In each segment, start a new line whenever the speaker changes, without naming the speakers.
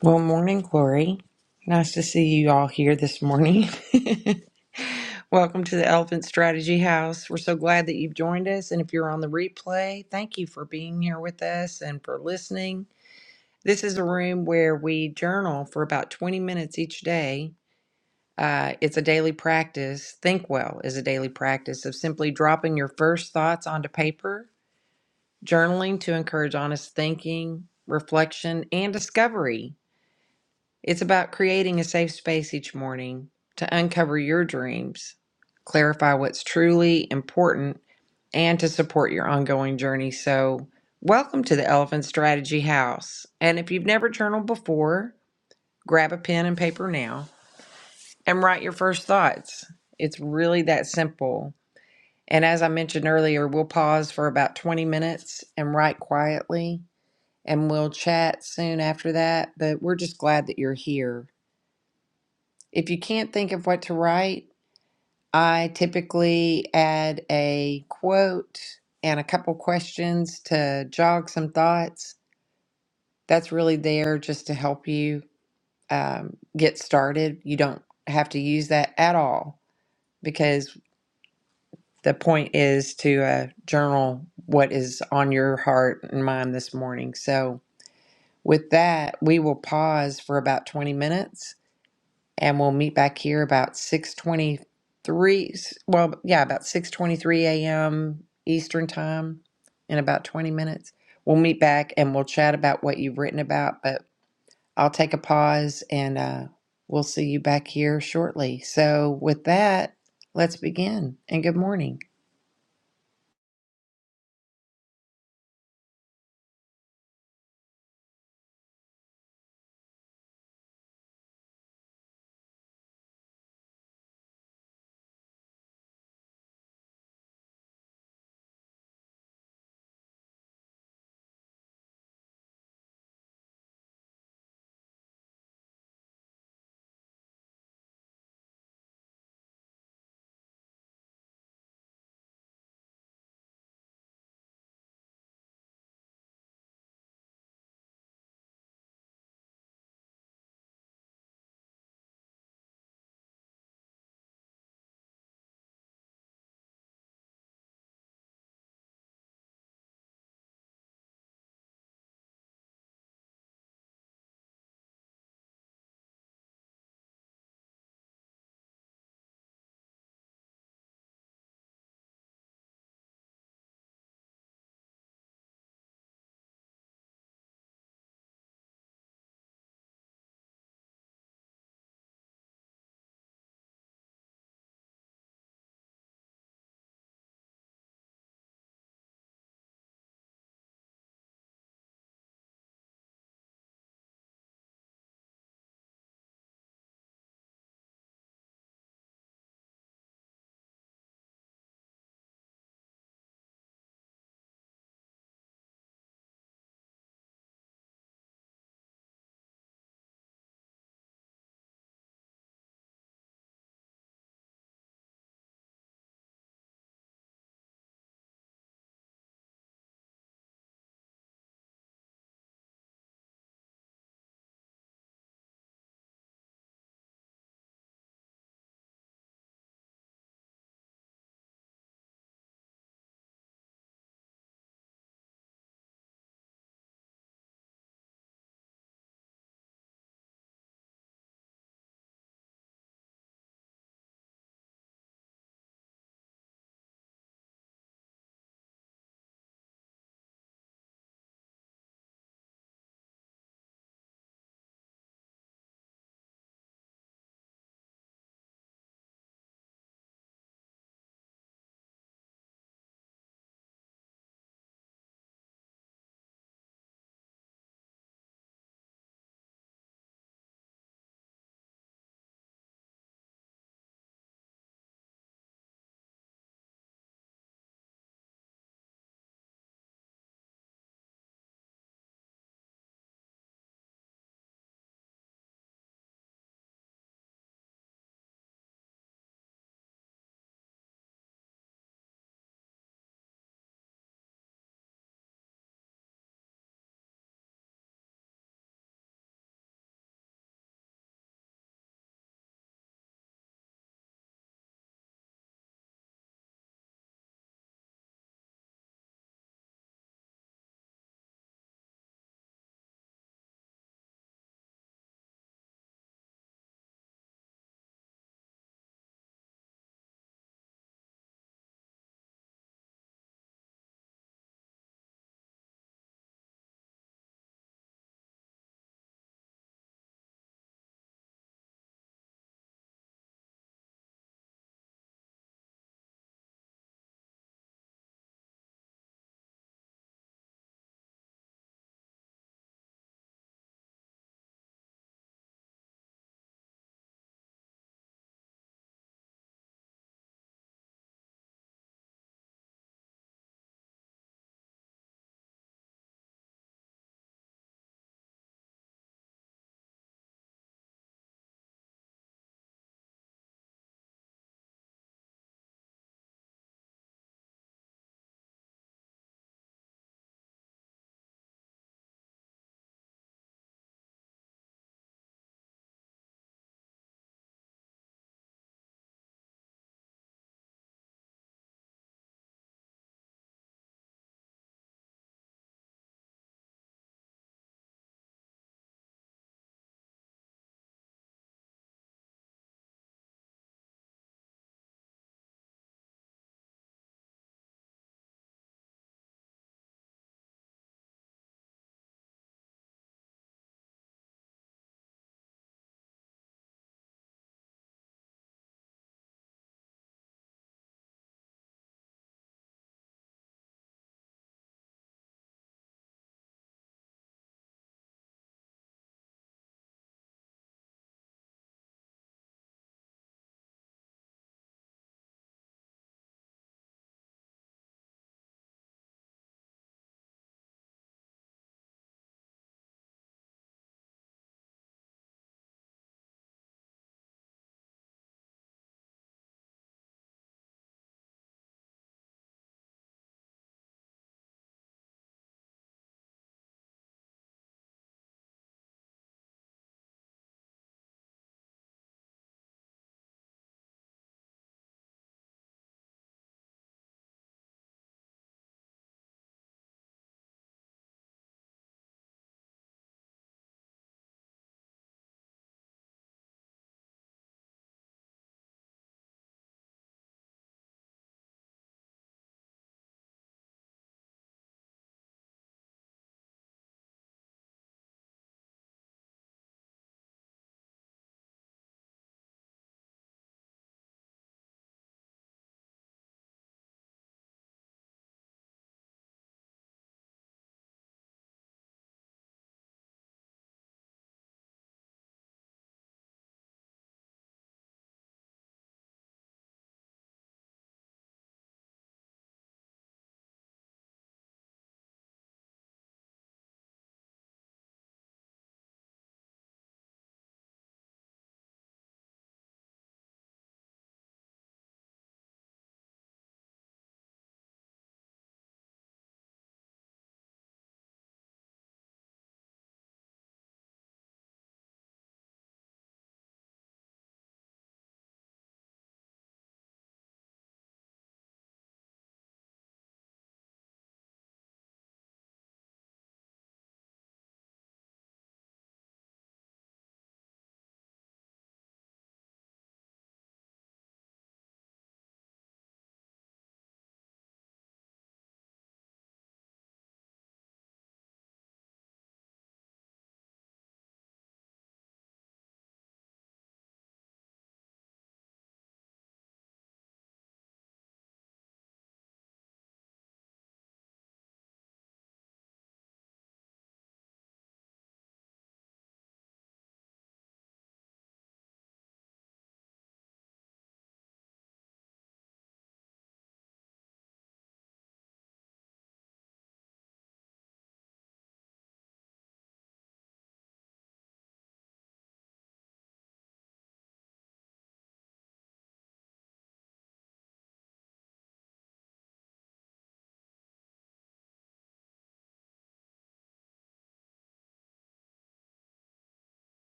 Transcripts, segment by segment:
Well, morning, Glory. Nice to see you all here this morning. Welcome to the Elephant Strategy House. We're so glad that you've joined us. And if you're on the replay, thank you for being here with us and for listening. This is a room where we journal for about 20 minutes each day. Uh, it's a daily practice. Think Well is a daily practice of simply dropping your first thoughts onto paper, journaling to encourage honest thinking, reflection, and discovery. It's about creating a safe space each morning to uncover your dreams, clarify what's truly important, and to support your ongoing journey. So, welcome to the Elephant Strategy House. And if you've never journaled before, grab a pen and paper now and write your first thoughts. It's really that simple. And as I mentioned earlier, we'll pause for about 20 minutes and write quietly, and we'll chat soon after that. But we're just glad that you're here. If you can't think of what to write, I typically add a quote and a couple questions to jog some thoughts. That's really there just to help you um, get started. You don't have to use that at all because the point is to uh, journal what is on your heart and mind this morning. So, with that, we will pause for about 20 minutes and we'll meet back here about 6:23 well yeah about 6:23 a.m. Eastern time in about 20 minutes we'll meet back and we'll chat about what you've written about but I'll take a pause and uh, we'll see you back here shortly so with that let's begin and good morning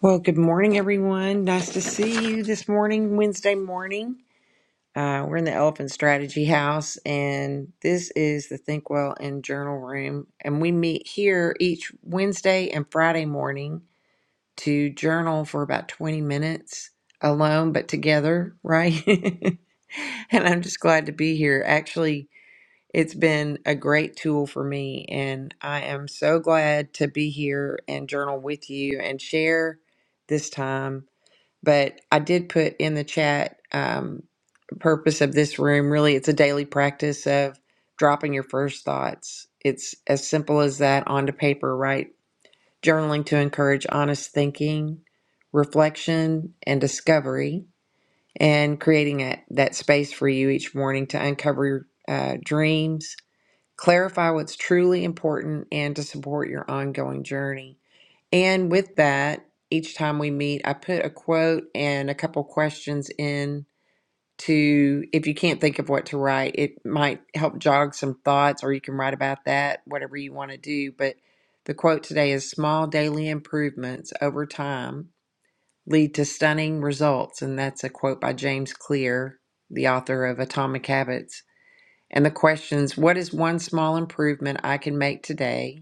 well good morning everyone nice to see you this morning Wednesday morning Uh, we're in the Elephant Strategy House, and this is the Think Well and Journal Room. And we meet here each Wednesday and Friday morning to journal for about 20 minutes alone, but together, right? and I'm just glad to be here. Actually, it's been a great tool for me, and I am so glad to be here and journal with you and share this time but I did put in the chat um, purpose of this room. Really, it's a daily practice of dropping your first thoughts. It's as simple as that onto paper, right? Journaling to encourage honest thinking, reflection, and discovery, and creating a, that space for you each morning to uncover your uh, dreams, clarify what's truly important, and to support your ongoing journey. And with that, each time we meet, I put a quote and a couple questions in to if you can't think of what to write, it might help jog some thoughts or you can write about that, whatever you want to do. But the quote today is small daily improvements over time lead to stunning results. And that's a quote by James Clear, the author of Atomic Habits. And the questions what is one small improvement I can make today?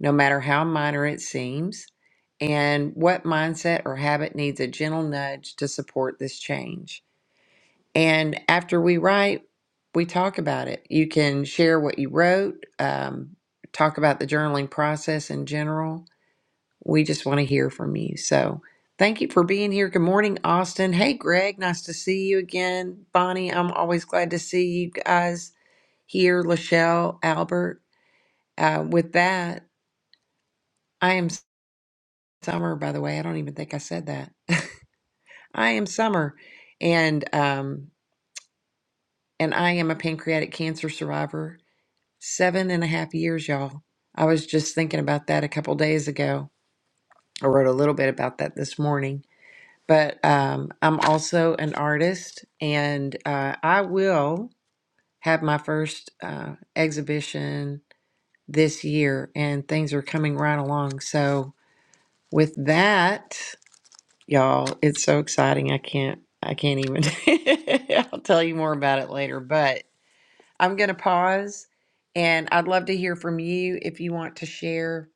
no matter how minor it seems, and what mindset or habit needs a gentle nudge to support this change. And after we write, we talk about it. You can share what you wrote, um, talk about the journaling process in general. We just want to hear from you. So thank you for being here. Good morning, Austin. Hey, Greg. Nice to see you again. Bonnie, I'm always glad to see you guys here. Lachelle, Albert. Uh, with that, I am. Summer, by the way. I don't even think I said that. I am Summer, and um, and I am a pancreatic cancer survivor. Seven and a half years, y'all. I was just thinking about that a couple days ago. I wrote a little bit about that this morning, but um, I'm also an artist, and uh, I will have my first uh, exhibition this year, and things are coming right along. So with that. y'all it's so exciting i can't i can't even i'll tell you more about it later but i'm going to pause and i'd love to hear from you if you want to share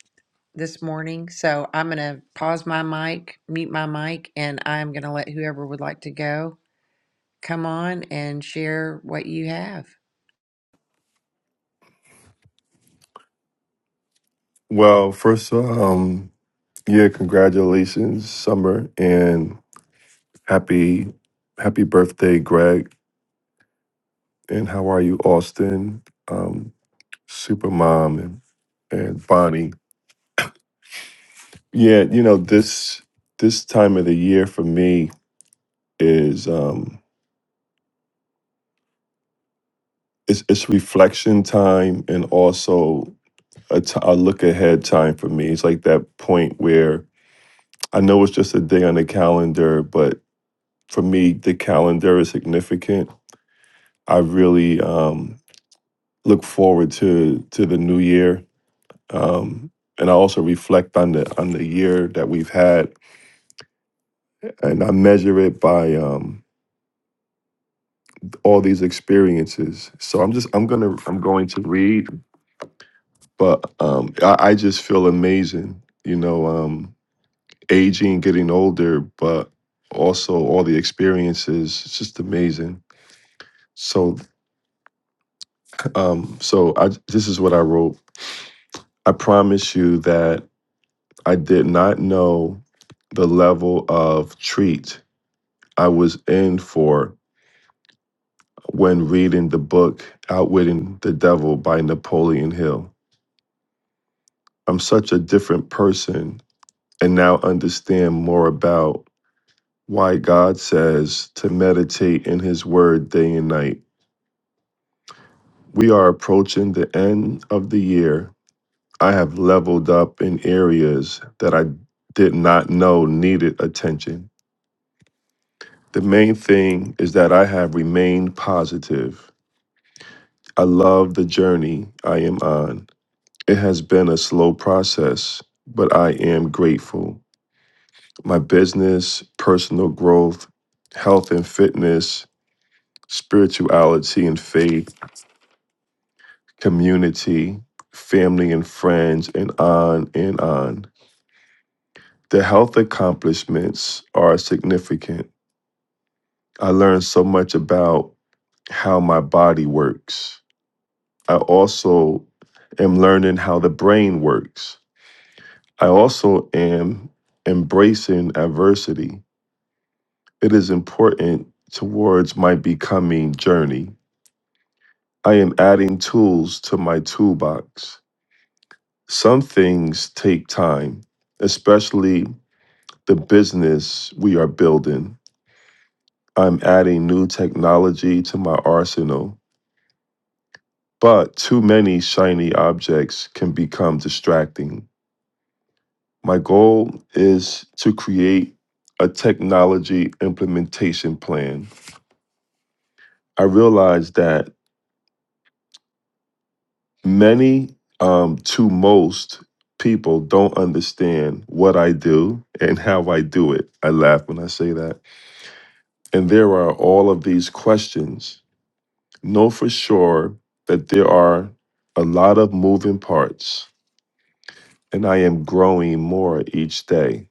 this morning so i'm going to pause my mic mute my mic and i'm going to let whoever would like to go come on and share what you have
Well, first, um, yeah, congratulations, Summer, and happy happy birthday, Greg. And how are you, Austin? Um, Super Mom and and Bonnie. Yeah, you know this this time of the year for me is um, it's it's reflection time and also a t- a look ahead time for me. It's like that point where I know it's just a day on the calendar, but for me, the calendar is significant I really um, look forward to to the new year, um, and I also reflect on the on the year that we've had, and I measure it by um, all these experiences. So I'm just I'm gonna I'm going to read, but um, I, I just feel amazing, you know, um, aging, getting older, but also all the experiences. It's just amazing. So um, so I this is what I wrote. I promise you that. I did not know the level of treat I was in for when reading the book Outwitting the Devil by Napoleon Hill. I'm such a different person and now understand more about why God says to meditate in His Word day and night. We are approaching the end of the year. I have leveled up in areas that I did not know needed attention. The main thing is that I have remained positive. I love the journey I am on. It has been a slow process, but I am grateful. My business, personal growth, health and fitness, spirituality and faith, community, family and friends, and on and on. The health accomplishments are significant. I learned so much about how my body works I also am learning how the brain works. I also am embracing adversity. It is important towards my becoming journey. I am adding tools to my toolbox. Some things take time, especially the business we are building. I'm adding new technology to my arsenal, but too many shiny objects can become distracting. My goal is to create a technology implementation plan. I realize that many um, to most people don't understand what I do and how I do it. I laugh when I say that. And there are all of these questions. Know for sure that there are a lot of moving parts, and I am growing more each day.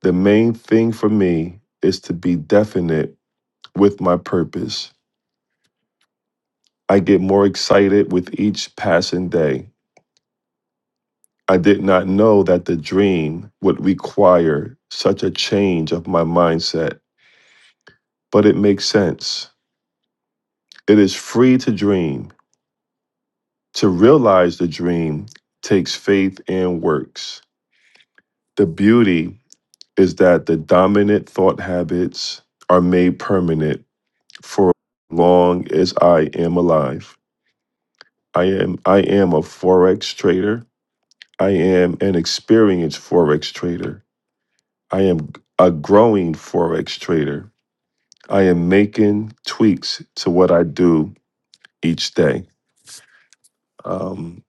The main thing for me is to be definite with my purpose I get more excited with each passing day. I did not know that the dream would require such a change of my mindset, but it makes sense. It is free to dream. To realize the dream takes faith and works. The beauty is that the dominant thought habits are made permanent for as long as I am alive. I am I am a forex trader. I am an experienced forex trader. I am a growing Forex trader. I am making tweaks to what I do each day. Um,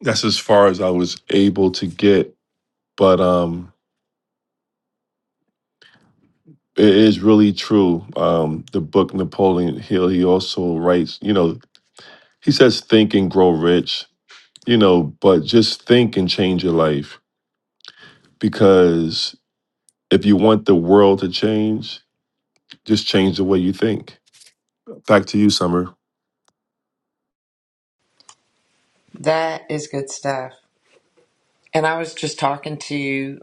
that's as far as I was able to get. But um, it is really true. Um, the book Napoleon Hill, he also writes, you know, he says, think and grow rich, you know, but just think and change your life. Because if you want the world to change, just change the way you think. Back to you, Summer.
that is good stuff and i was just talking to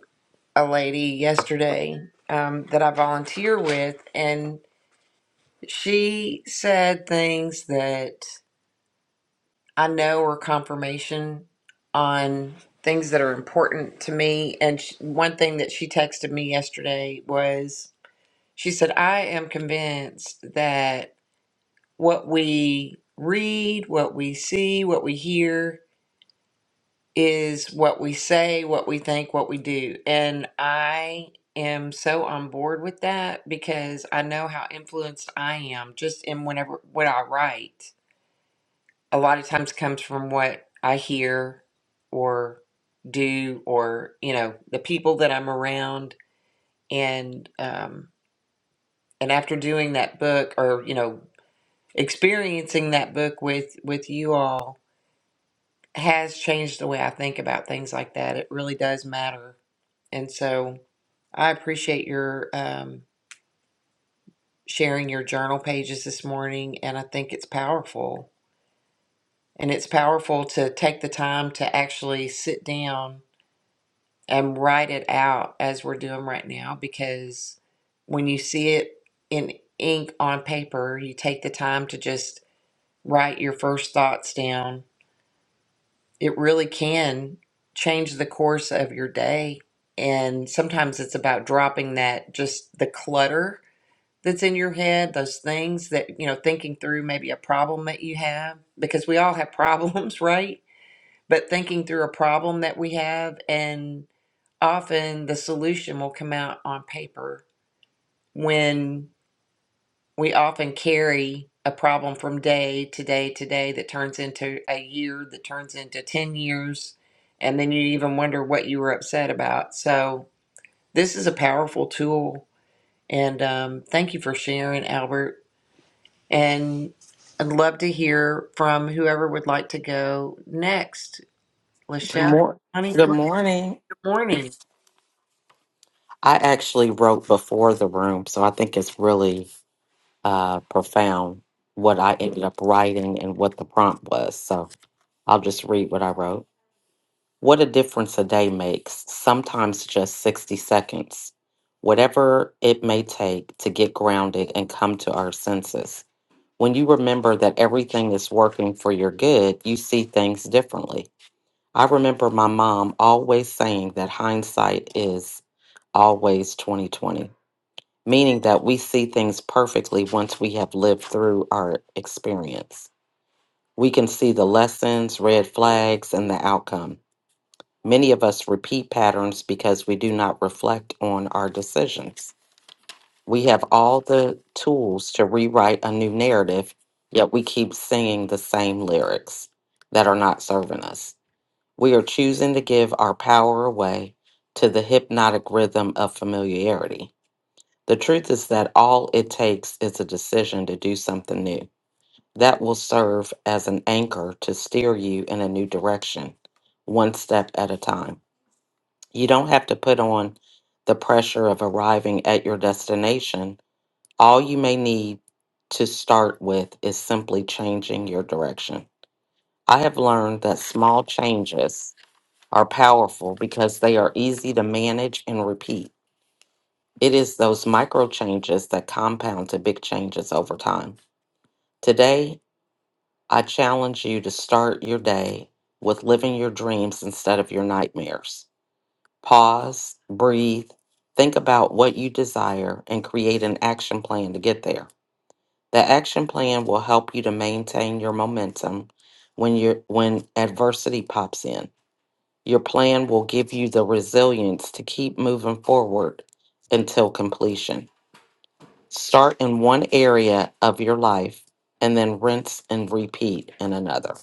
a lady yesterday um, that i volunteer with and She said things that I know are confirmation on things that are important to me. And sh one thing that she texted me yesterday was she said, I am convinced that what we read, what we see, what we hear is what we say, what we think, what we do. And I am so on board with that because I know how influenced I am just in whenever what I write a lot of times comes from what I hear or do or you know the people that I'm around and um and after doing that book or you know experiencing that book with with you all has changed the way I think about things like that it really does matter and so I appreciate your um sharing your journal pages this morning and I think it's powerful and it's powerful to take the time to actually sit down and write it out as we're doing right now because when you see it in ink on paper, you take the time to just write your first thoughts down. It really can change the course of your day. And sometimes it's about dropping that just the clutter that's in your head, those things that, you know, thinking through maybe a problem that you have, because we all have problems, right? but thinking through a problem that we have and often the solution will come out on paper when we often carry a problem from day to day to day that turns into a year that turns into 10 years and then you even wonder what you were upset about so this is a powerful tool and um, thank you for sharing albert and i'd love to hear from whoever would like to go next
Good,
lachelle
mor-
honey
good
go ahead.
morning.
good morning
I actually wrote before the room, so I think it's really uh, profound what I ended up writing and what the prompt was. So I'll just read what I wrote. What a difference a day makes, sometimes just 60 seconds, whatever it may take to get grounded and come to our senses. When you remember that everything is working for your good, you see things differently. I remember my mom always saying that hindsight is always 2020, meaning that we see things perfectly once we have lived through our experience. We can see the lessons, red flags, and the outcome. Many of us repeat patterns because we do not reflect on our decisions. We have all the tools to rewrite a new narrative, yet we keep singing the same lyrics that are not serving us. We are choosing to give our power away to the hypnotic rhythm of familiarity. The truth is that all it takes is a decision to do something new. That will serve as an anchor to steer you in a new direction, one step at a time. You don't have to put on the pressure of arriving at your destination. All you may need to start with is simply changing your direction. I have learned that small changes are powerful because they are easy to manage and repeat. It is those micro changes that compound to big changes over time. Today, I challenge you to start your day with living your dreams instead of your nightmares. Pause, breathe, think about what you desire, and create an action plan to get there. The action plan will help you to maintain your momentum when you when adversity pops in. Your plan will give you the resilience to keep moving forward until completion. Start in one area of your life and then rinse and repeat in another.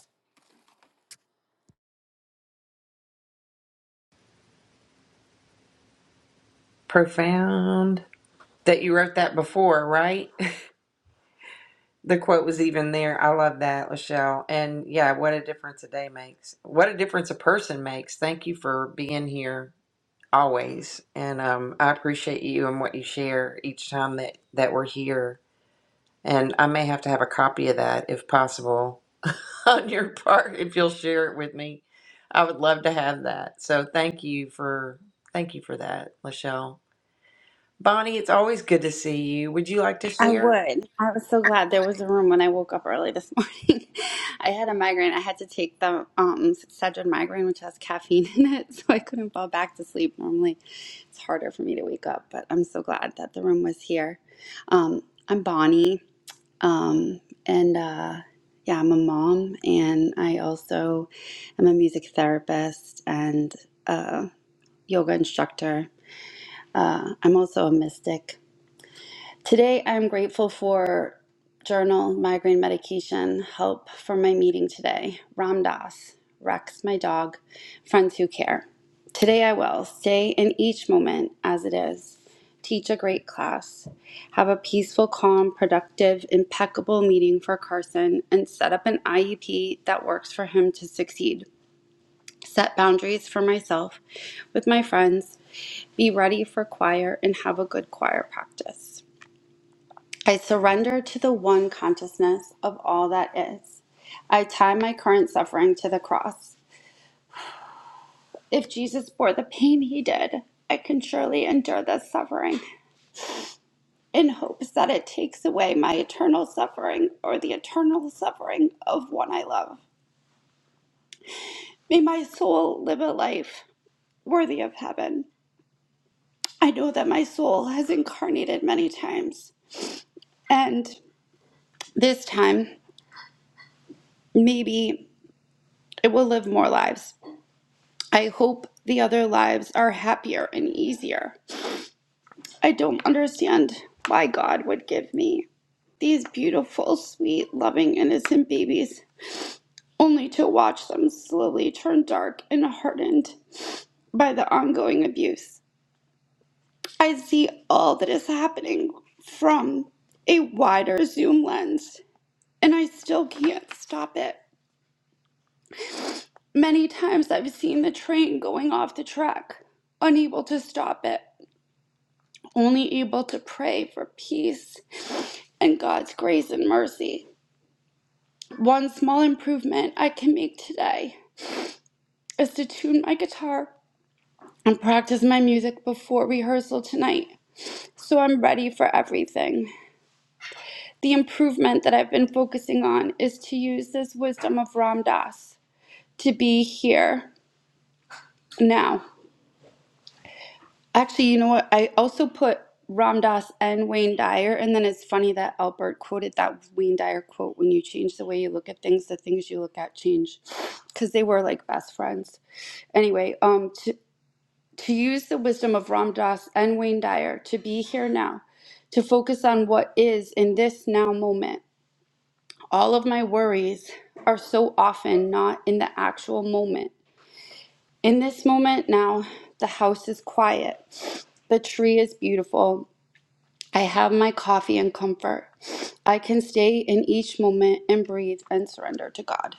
Profound that you wrote that before, right? The quote was even there. I love that, Lachelle. And yeah, what a difference a day makes. What a difference a person makes. Thank you for being here always. And um, I appreciate you and what you share each time that, that we're here. And I may have to have a copy of that if possible on your part, if you'll share it with me. I would love to have that. So thank you for thank you for that, Lachelle. Bonnie, it's always good to see you. Would you like to
I
share?
would. I was so glad there was a room when I woke up early this morning. I had a migraine. I had to take the um Excedrin migraine, which has caffeine in it, so I couldn't fall back to sleep. Normally, it's harder for me to wake up, but I'm so glad that the room was here. Um, I'm Bonnie, um, and uh, yeah, I'm a mom, and I also am a music therapist and a yoga instructor. Uh, I'm also a mystic Today, I'm grateful for journal migraine medication, help for my meeting today, Ram Dass, Rex, my dog, friends who care. Today, I will stay in each moment as it is, teach a great class, have a peaceful, calm, productive, impeccable meeting for Carson, and set up an IEP that works for him to succeed. Set boundaries for myself, with my friends, be ready for choir, and have a good choir practice. I surrender to the one consciousness of all that is. I tie my current suffering to the cross. If Jesus bore the pain he did, I can surely endure this suffering in hopes that it takes away my eternal suffering or the eternal suffering of one I love. May my soul live a life worthy of heaven. I know that my soul has incarnated many times, and this time, maybe it will live more lives I hope the other lives are happier and easier. I don't understand why God would give me these beautiful, sweet, loving, innocent babies only to watch them slowly turn dark and hardened by the ongoing abuse. I see all that is happening from a wider zoom lens, and I still can't stop it. Many times I've seen the train going off the track, unable to stop it. only able to pray for peace and God's grace and mercy. One small improvement I can make today is to tune my guitar and practice my music before rehearsal tonight so I'm ready for everything. The improvement that I've been focusing on is to use this wisdom of Ram Dass to be here now. Actually, you know what? I also put Ram Dass and Wayne Dyer, and then it's funny that Albert quoted that Wayne Dyer quote when you change the way you look at things, the things you look at change. Because they were like best friends. Anyway, um, to, to use the wisdom of Ram Dass and Wayne Dyer to be here now, to focus on what is in this now moment. All of my worries are so often not in the actual moment. In this moment now, the house is quiet. The tree is beautiful. I have my coffee and comfort. I can stay in each moment and breathe and surrender to God.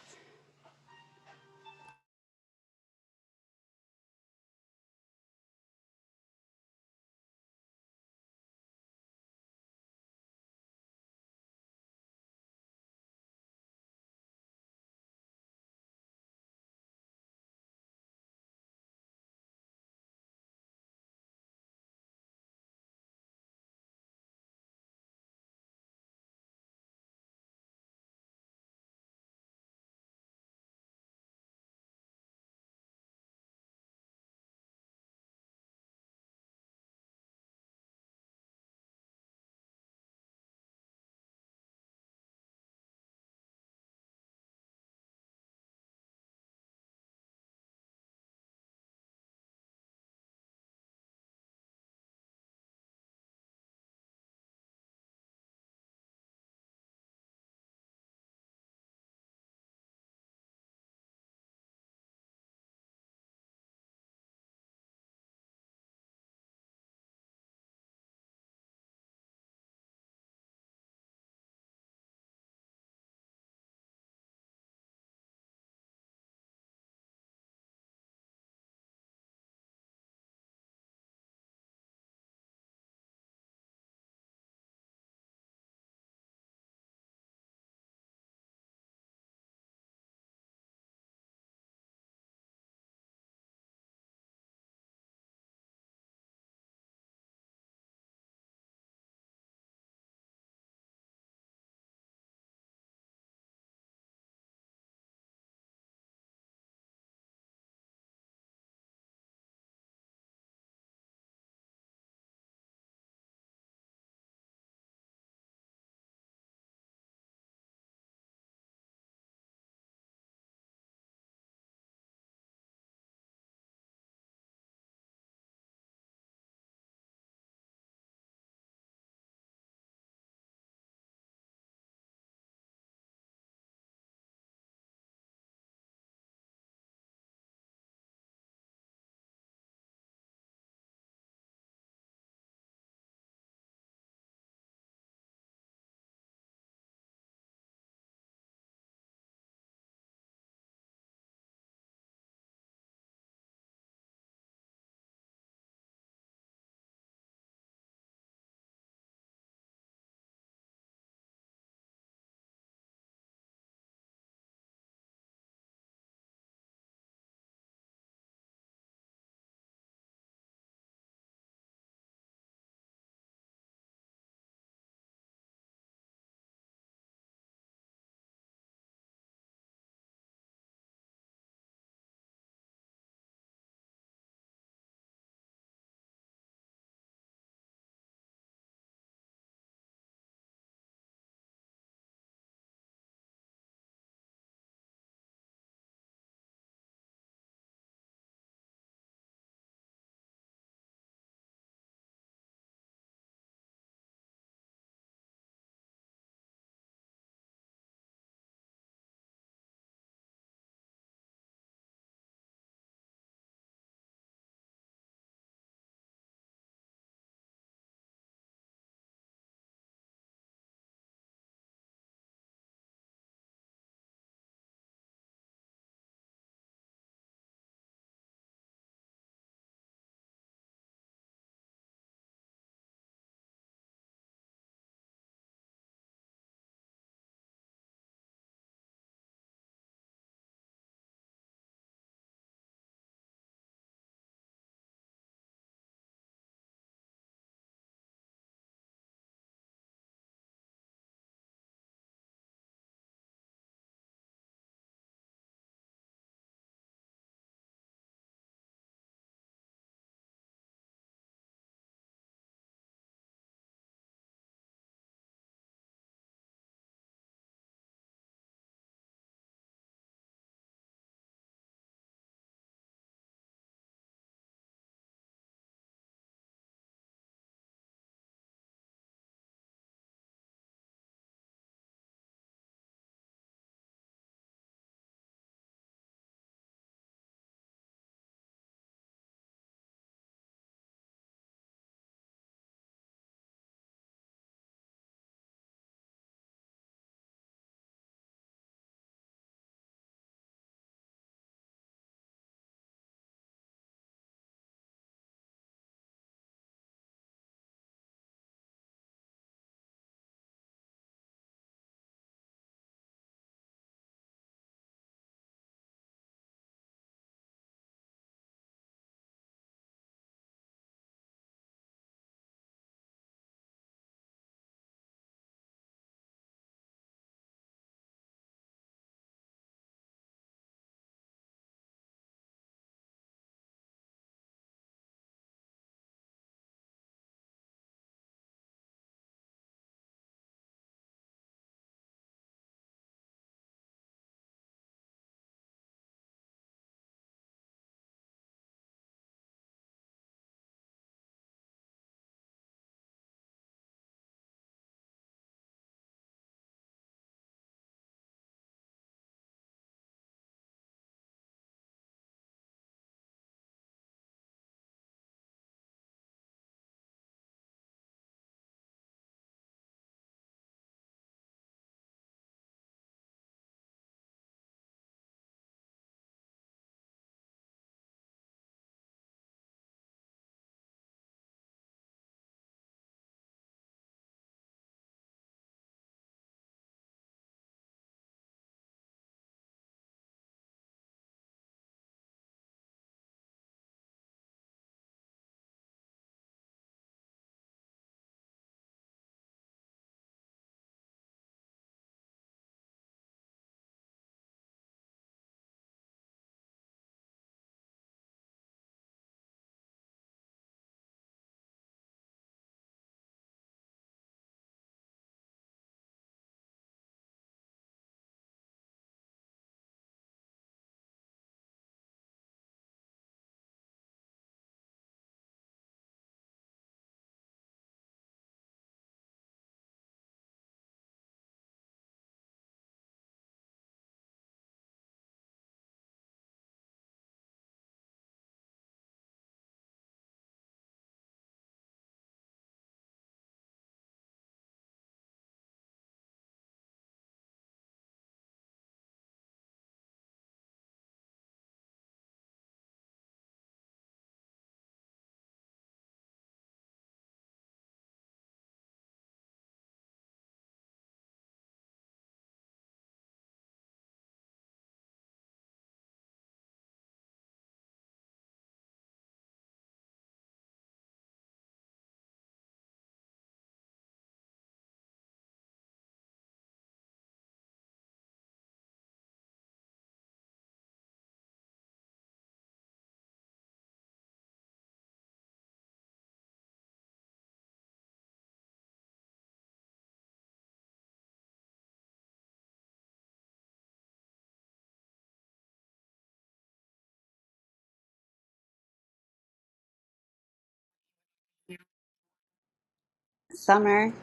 Summer,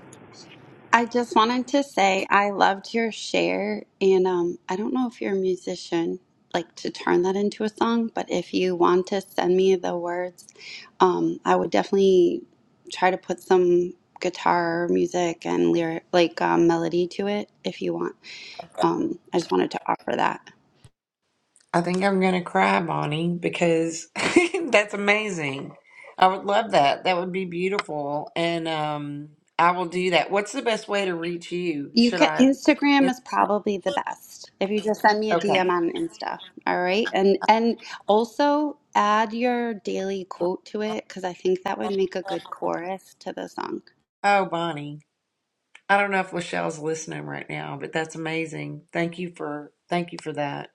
I just wanted to say I loved your share, and um, I don't know if you're a musician, like to turn that into a song, but if you want to send me the words, um, I would definitely try to put some guitar music and lyric, like um, melody to it if you want. Um, I just wanted to offer that.
I think I'm going to cry, Bonnie, because that's amazing. I would love that. That would be beautiful. And um, I will do that. What's the best way to reach you?
You
Should
can
I?
Instagram is probably the best. If you just send me a DM
Okay.
on Insta, all right? And and also add your daily quote to it because I think that would make a good chorus to the song.
Oh, Bonnie. I don't know if Lachelle's listening right now, but that's amazing. Thank you for thank you for that.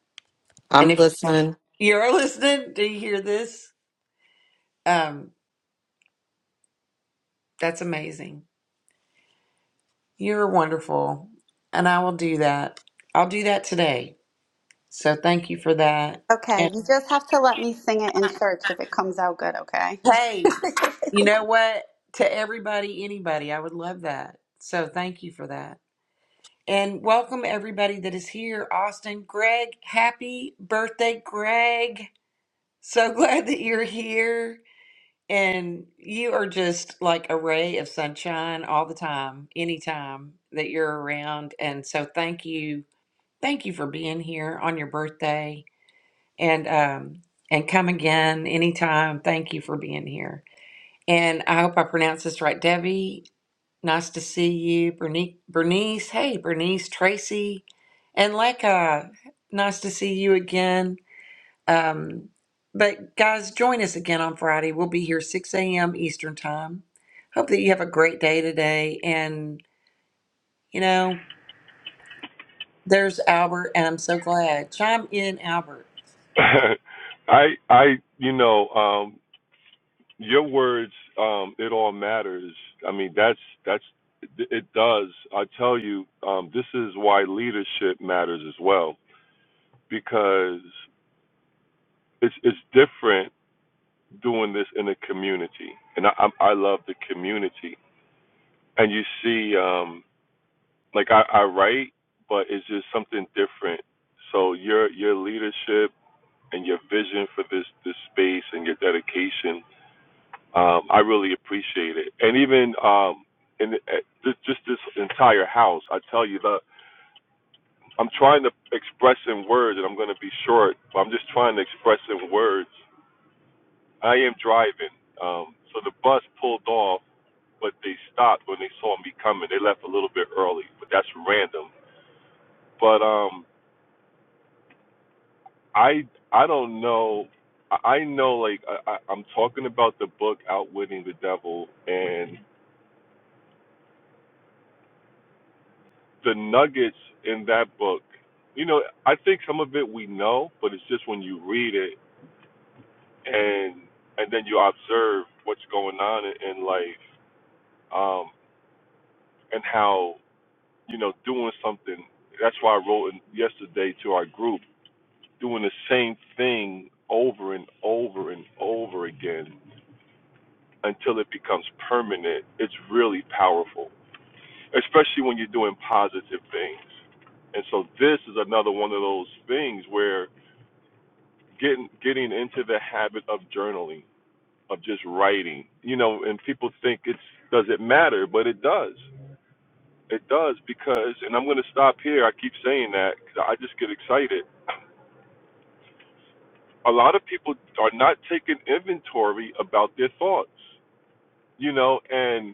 I'm
And if
listening.
you're listening, do you hear this? Um, that's amazing. You're wonderful. And I will do that. I'll do that today. So thank you for that.
Okay,
And
you just have to let me sing it in church if it comes out good, okay?
hey, you know what? To everybody, anybody, I would love that. So thank you for that. And welcome everybody that is here. Austin, Greg, happy birthday, Greg. So glad that you're here. And you are just like a ray of sunshine all the time, anytime that you're around. And so thank you Thank you for being here on your birthday and um and come again anytime. Thank you for being here. And I hope I pronounced this right. Debbie, nice to see you. Bernice, Bernice hey Bernice, Tracy, and Leka, nice to see you again. Um, but guys, join us again on Friday. We'll be here 6 a.m. Eastern time. Hope that you have a great day today. And, you know, there's Albert, and I'm so glad. Chime in, Albert.
I I you know um your words um it all matters. I mean that's that's it does. I tell you um this is why leadership matters as well because it's it's different doing this in a community. And I I, I love the community. And you see um like I I write but it's just something different. So your your leadership and your vision for this this space and your dedication Um, I really appreciate it, and even um, in uh, just, just this entire house. I tell you, the I'm trying to express in words, and I'm going to be short, but I'm just trying to express in words. I am driving, um, so the bus pulled off, but they stopped when they saw me coming. They left a little bit early, but that's random. But um, I I don't know. I I know, like I, I- I'm talking about the book "Outwitting the Devil," and the nuggets in that book, you know, I think some of it we know, but it's just when you read it and and then you observe what's going on in, in life, um, and how you know doing something. That's why I wrote in yesterday to our group, doing the same thing over and over and over again until it becomes permanent. It's really powerful, especially when you're doing positive things. And so this is another one of those things where getting getting into the habit of journaling, of just writing. You know, and people think it's does it matter, but it does. It does because, and I'm going to stop here. I keep saying that 'cause I just get excited. A lot of people are not taking inventory about their thoughts. You know, and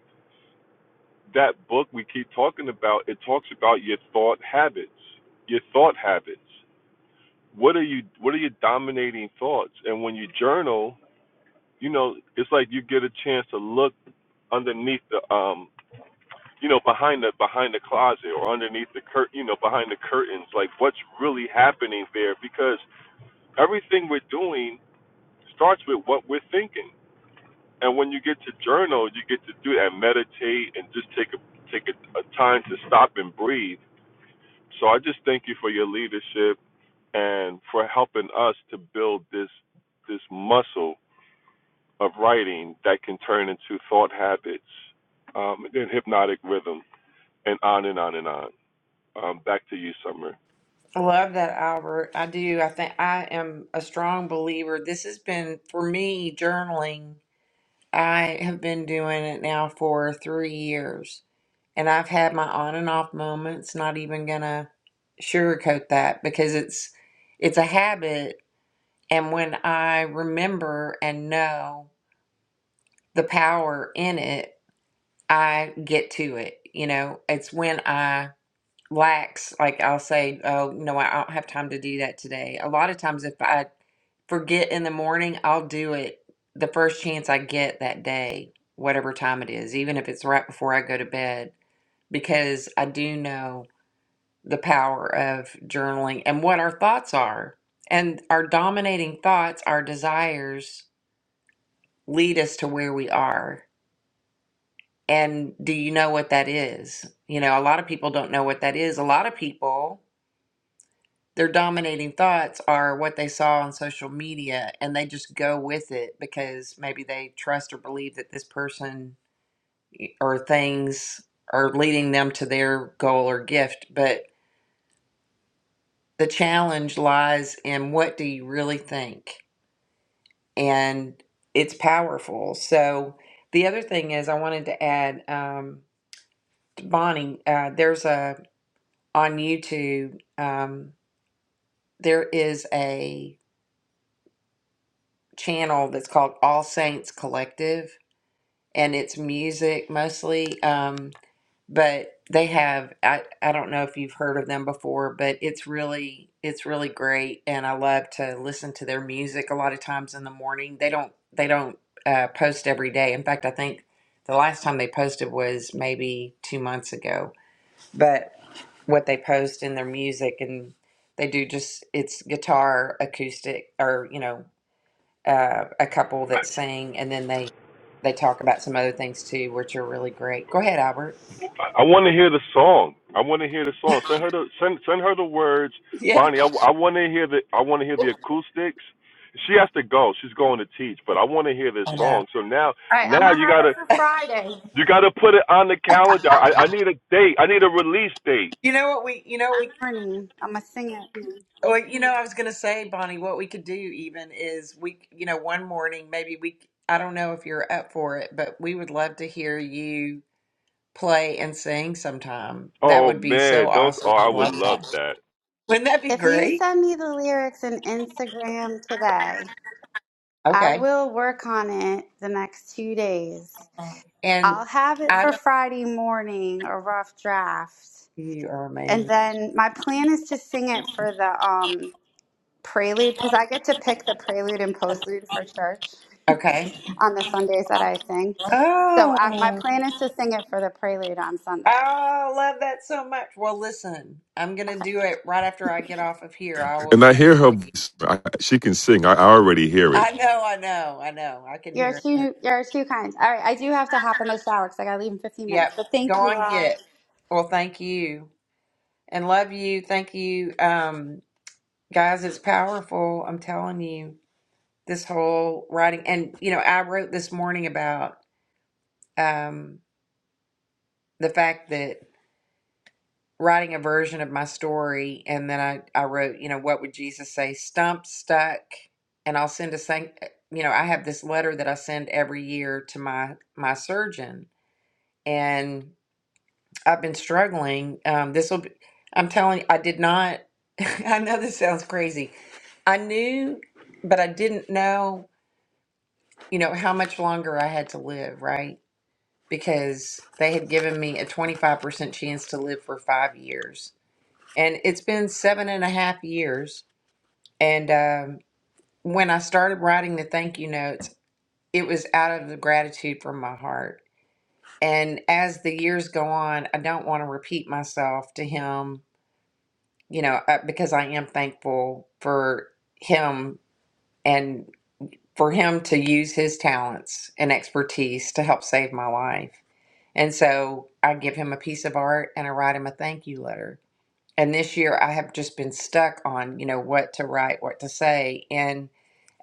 that book we keep talking about, it talks about your thought habits, your thought habits. What are you what are your dominating thoughts? And when you journal, you know, it's like you get a chance to look underneath the um you know behind the behind the closet or underneath the cur you know behind the curtains like what's really happening there because everything we're doing starts with what we're thinking and when you get to journal you get to do that meditate and just take a take a, a time to stop and breathe so i just thank you for your leadership and for helping us to build this this muscle of writing that can turn into thought habits, um, and hypnotic rhythm, and on and on and on. Um, back to you, Summer.
I Love that, Albert. I do. I think I am a strong believer. This has been, for me, journaling. I have been doing it now for three years, and I've had my on and off moments, not even gonna sugarcoat that because it's it's a habit, and when I remember and know the power in it, I get to it. You know, it's when I lax, like I'll say, oh, no, I don't have time to do that today. A lot of times if I forget in the morning, I'll do it the first chance I get that day, whatever time it is, even if it's right before I go to bed, because I do know the power of journaling and what our thoughts are. And our dominating thoughts, our desires lead us to where we are. And do you know what that is? You know, a lot of people don't know what that is. A lot of people their dominating thoughts are what they saw on social media and they just go with it because maybe they trust or believe that this person eh, or things are leading them to their goal or gift but the challenge lies in what do you really think and it's powerful so the other thing is i wanted to add um, to bonnie uh, there's a on youtube um, there is a channel that's called all saints collective and it's music mostly. Um, but they have I, I don't know if you've heard of them before, but it's really it's really great, and I love to listen to their music. A lot of times in the morning, they don't they don't uh, post every day. In fact, I think the last time they posted was maybe two months ago. But what they post in their music and they do just it's guitar acoustic or you know uh, a couple that sing, and then they they talk about some other things too, which are really great. Go ahead, Albert.
I, I want to hear the song. I want to hear the song. Send her the send send her the words,
Yeah.
Bonnie. I I, want to hear the I want to hear the acoustics. She has to go. She's going to teach, but I want to hear this
I know.
song. So now
All right, I'm
now
gonna
you
have
gotta
it for Friday
you gotta put it on the calendar. I, I need a date. I need a release date.
You know what we? You know we.
morning. I'm gonna sing it.
Well, you know, I was going to say, Bonnie, what we could do even is we, you know, one morning maybe we. I don't know if you're up for it, but we would love to hear you play and sing sometime. That
Oh
would be
man,
so
those. Oh,
awesome.
I
I'd
would
love
love
that.
that.
Wouldn't that be
If you
great?
send me the lyrics in Instagram today, I
Okay.
will work on it the next two days
And
I'll have it
I
for
don't.
Friday morning, a rough draft.
You are
And
amazing.
then my plan is to sing it for the um, prelude because I get to pick the prelude and postlude for church
Okay.
on the Sundays that I sing. So I,
Oh.
my plan is to sing it for the prelude on Sunday.
I love that so much. Well, listen, I'm going to
Okay.
do it right after I get off of here. I will
And I
send
hear
it
her
to you.
voice. I, she can sing. I, I already hear it.
I know, I know, I know. I can
You're
hear her.
two, you're two kinds. All right. I do have to hop in the shower because I got to leave in 15
Yep.
minutes. But
Go
thank you
on,
all.
get. Well, thank you and love you. Thank you. Um, guys, it's powerful. I'm telling you, this whole writing. And, you know, I wrote this morning about um, the fact that writing a version of my story and then I, I wrote you know what would jesus say stumped stuck and i'll send a thing you know i have this letter that i send every year to my my surgeon and i've been struggling um, this will be i'm telling you i did not i know this sounds crazy i knew but i didn't know you know how much longer i had to live right because they had given me a 25% chance to live for five years and it's been seven and a half years. And um, when I started writing the thank you notes, it was out of the gratitude from my heart. And as the years go on, I don't want to repeat myself to him, you know, uh, because I am thankful for him and for him to use his talents and expertise to help save my life. And so I give him a piece of art and I write him a thank you letter And this year I have just been stuck on, you know, what to write, what to say. And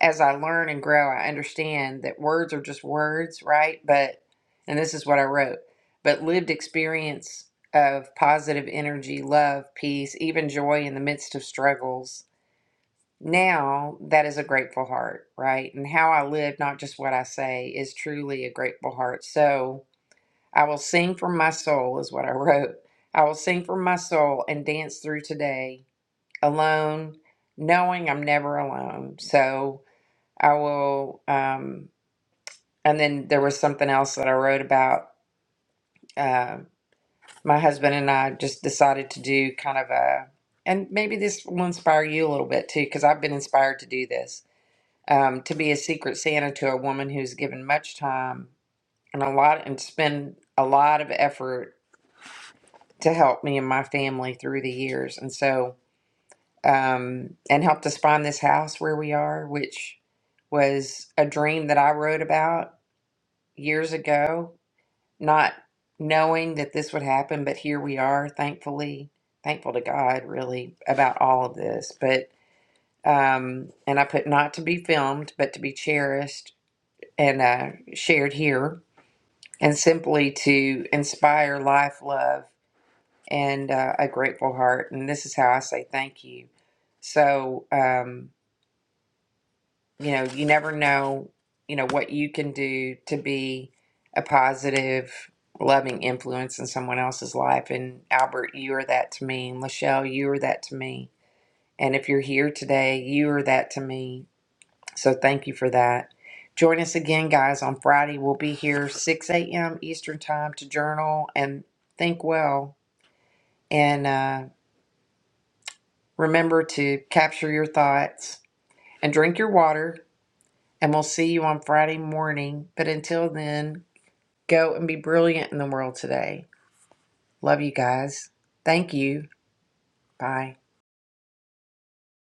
as I learn and grow, I understand that words are just words, right? But, and this is what I wrote, but lived experience of positive energy, love, peace, even joy in the midst of struggles. Now that is a grateful heart, right? And how I live, not just what I say, is truly a grateful heart. So I will sing from my soul, is what I wrote. I will sing from my soul and dance through today alone, knowing I'm never alone. So I will. Um, and then there was something else that I wrote about. Uh, my husband and I just decided to do kind of a, and maybe this will inspire you a little bit too, because I've been inspired to do this, um, to be a secret Santa to a woman who's given much time and a lot and spend a lot of effort to help me and my family through the years. And so um, and helped us find this house where we are, which was a dream that I wrote about years ago, not knowing that this would happen, but here we are, thankfully, thankful to God, really, about all of this. But, um, and I put not to be filmed, but to be cherished and uh, shared here, and simply to inspire life, love, and uh, a grateful heart. And this is how I say thank you. So, um, you know, you never know, you know, what you can do to be a positive, loving influence in someone else's life. And Albert, you are that to me. And Lachelle, you are that to me. And if you're here today, you are that to me. So thank you for that. Join us again, guys, on Friday. We'll be here 6 a.m. Eastern Time to journal and think well. And uh, remember to capture your thoughts and drink your water And we'll see you on Friday morning. But until then, go and be brilliant in the world today. Love you guys. Thank you. Bye.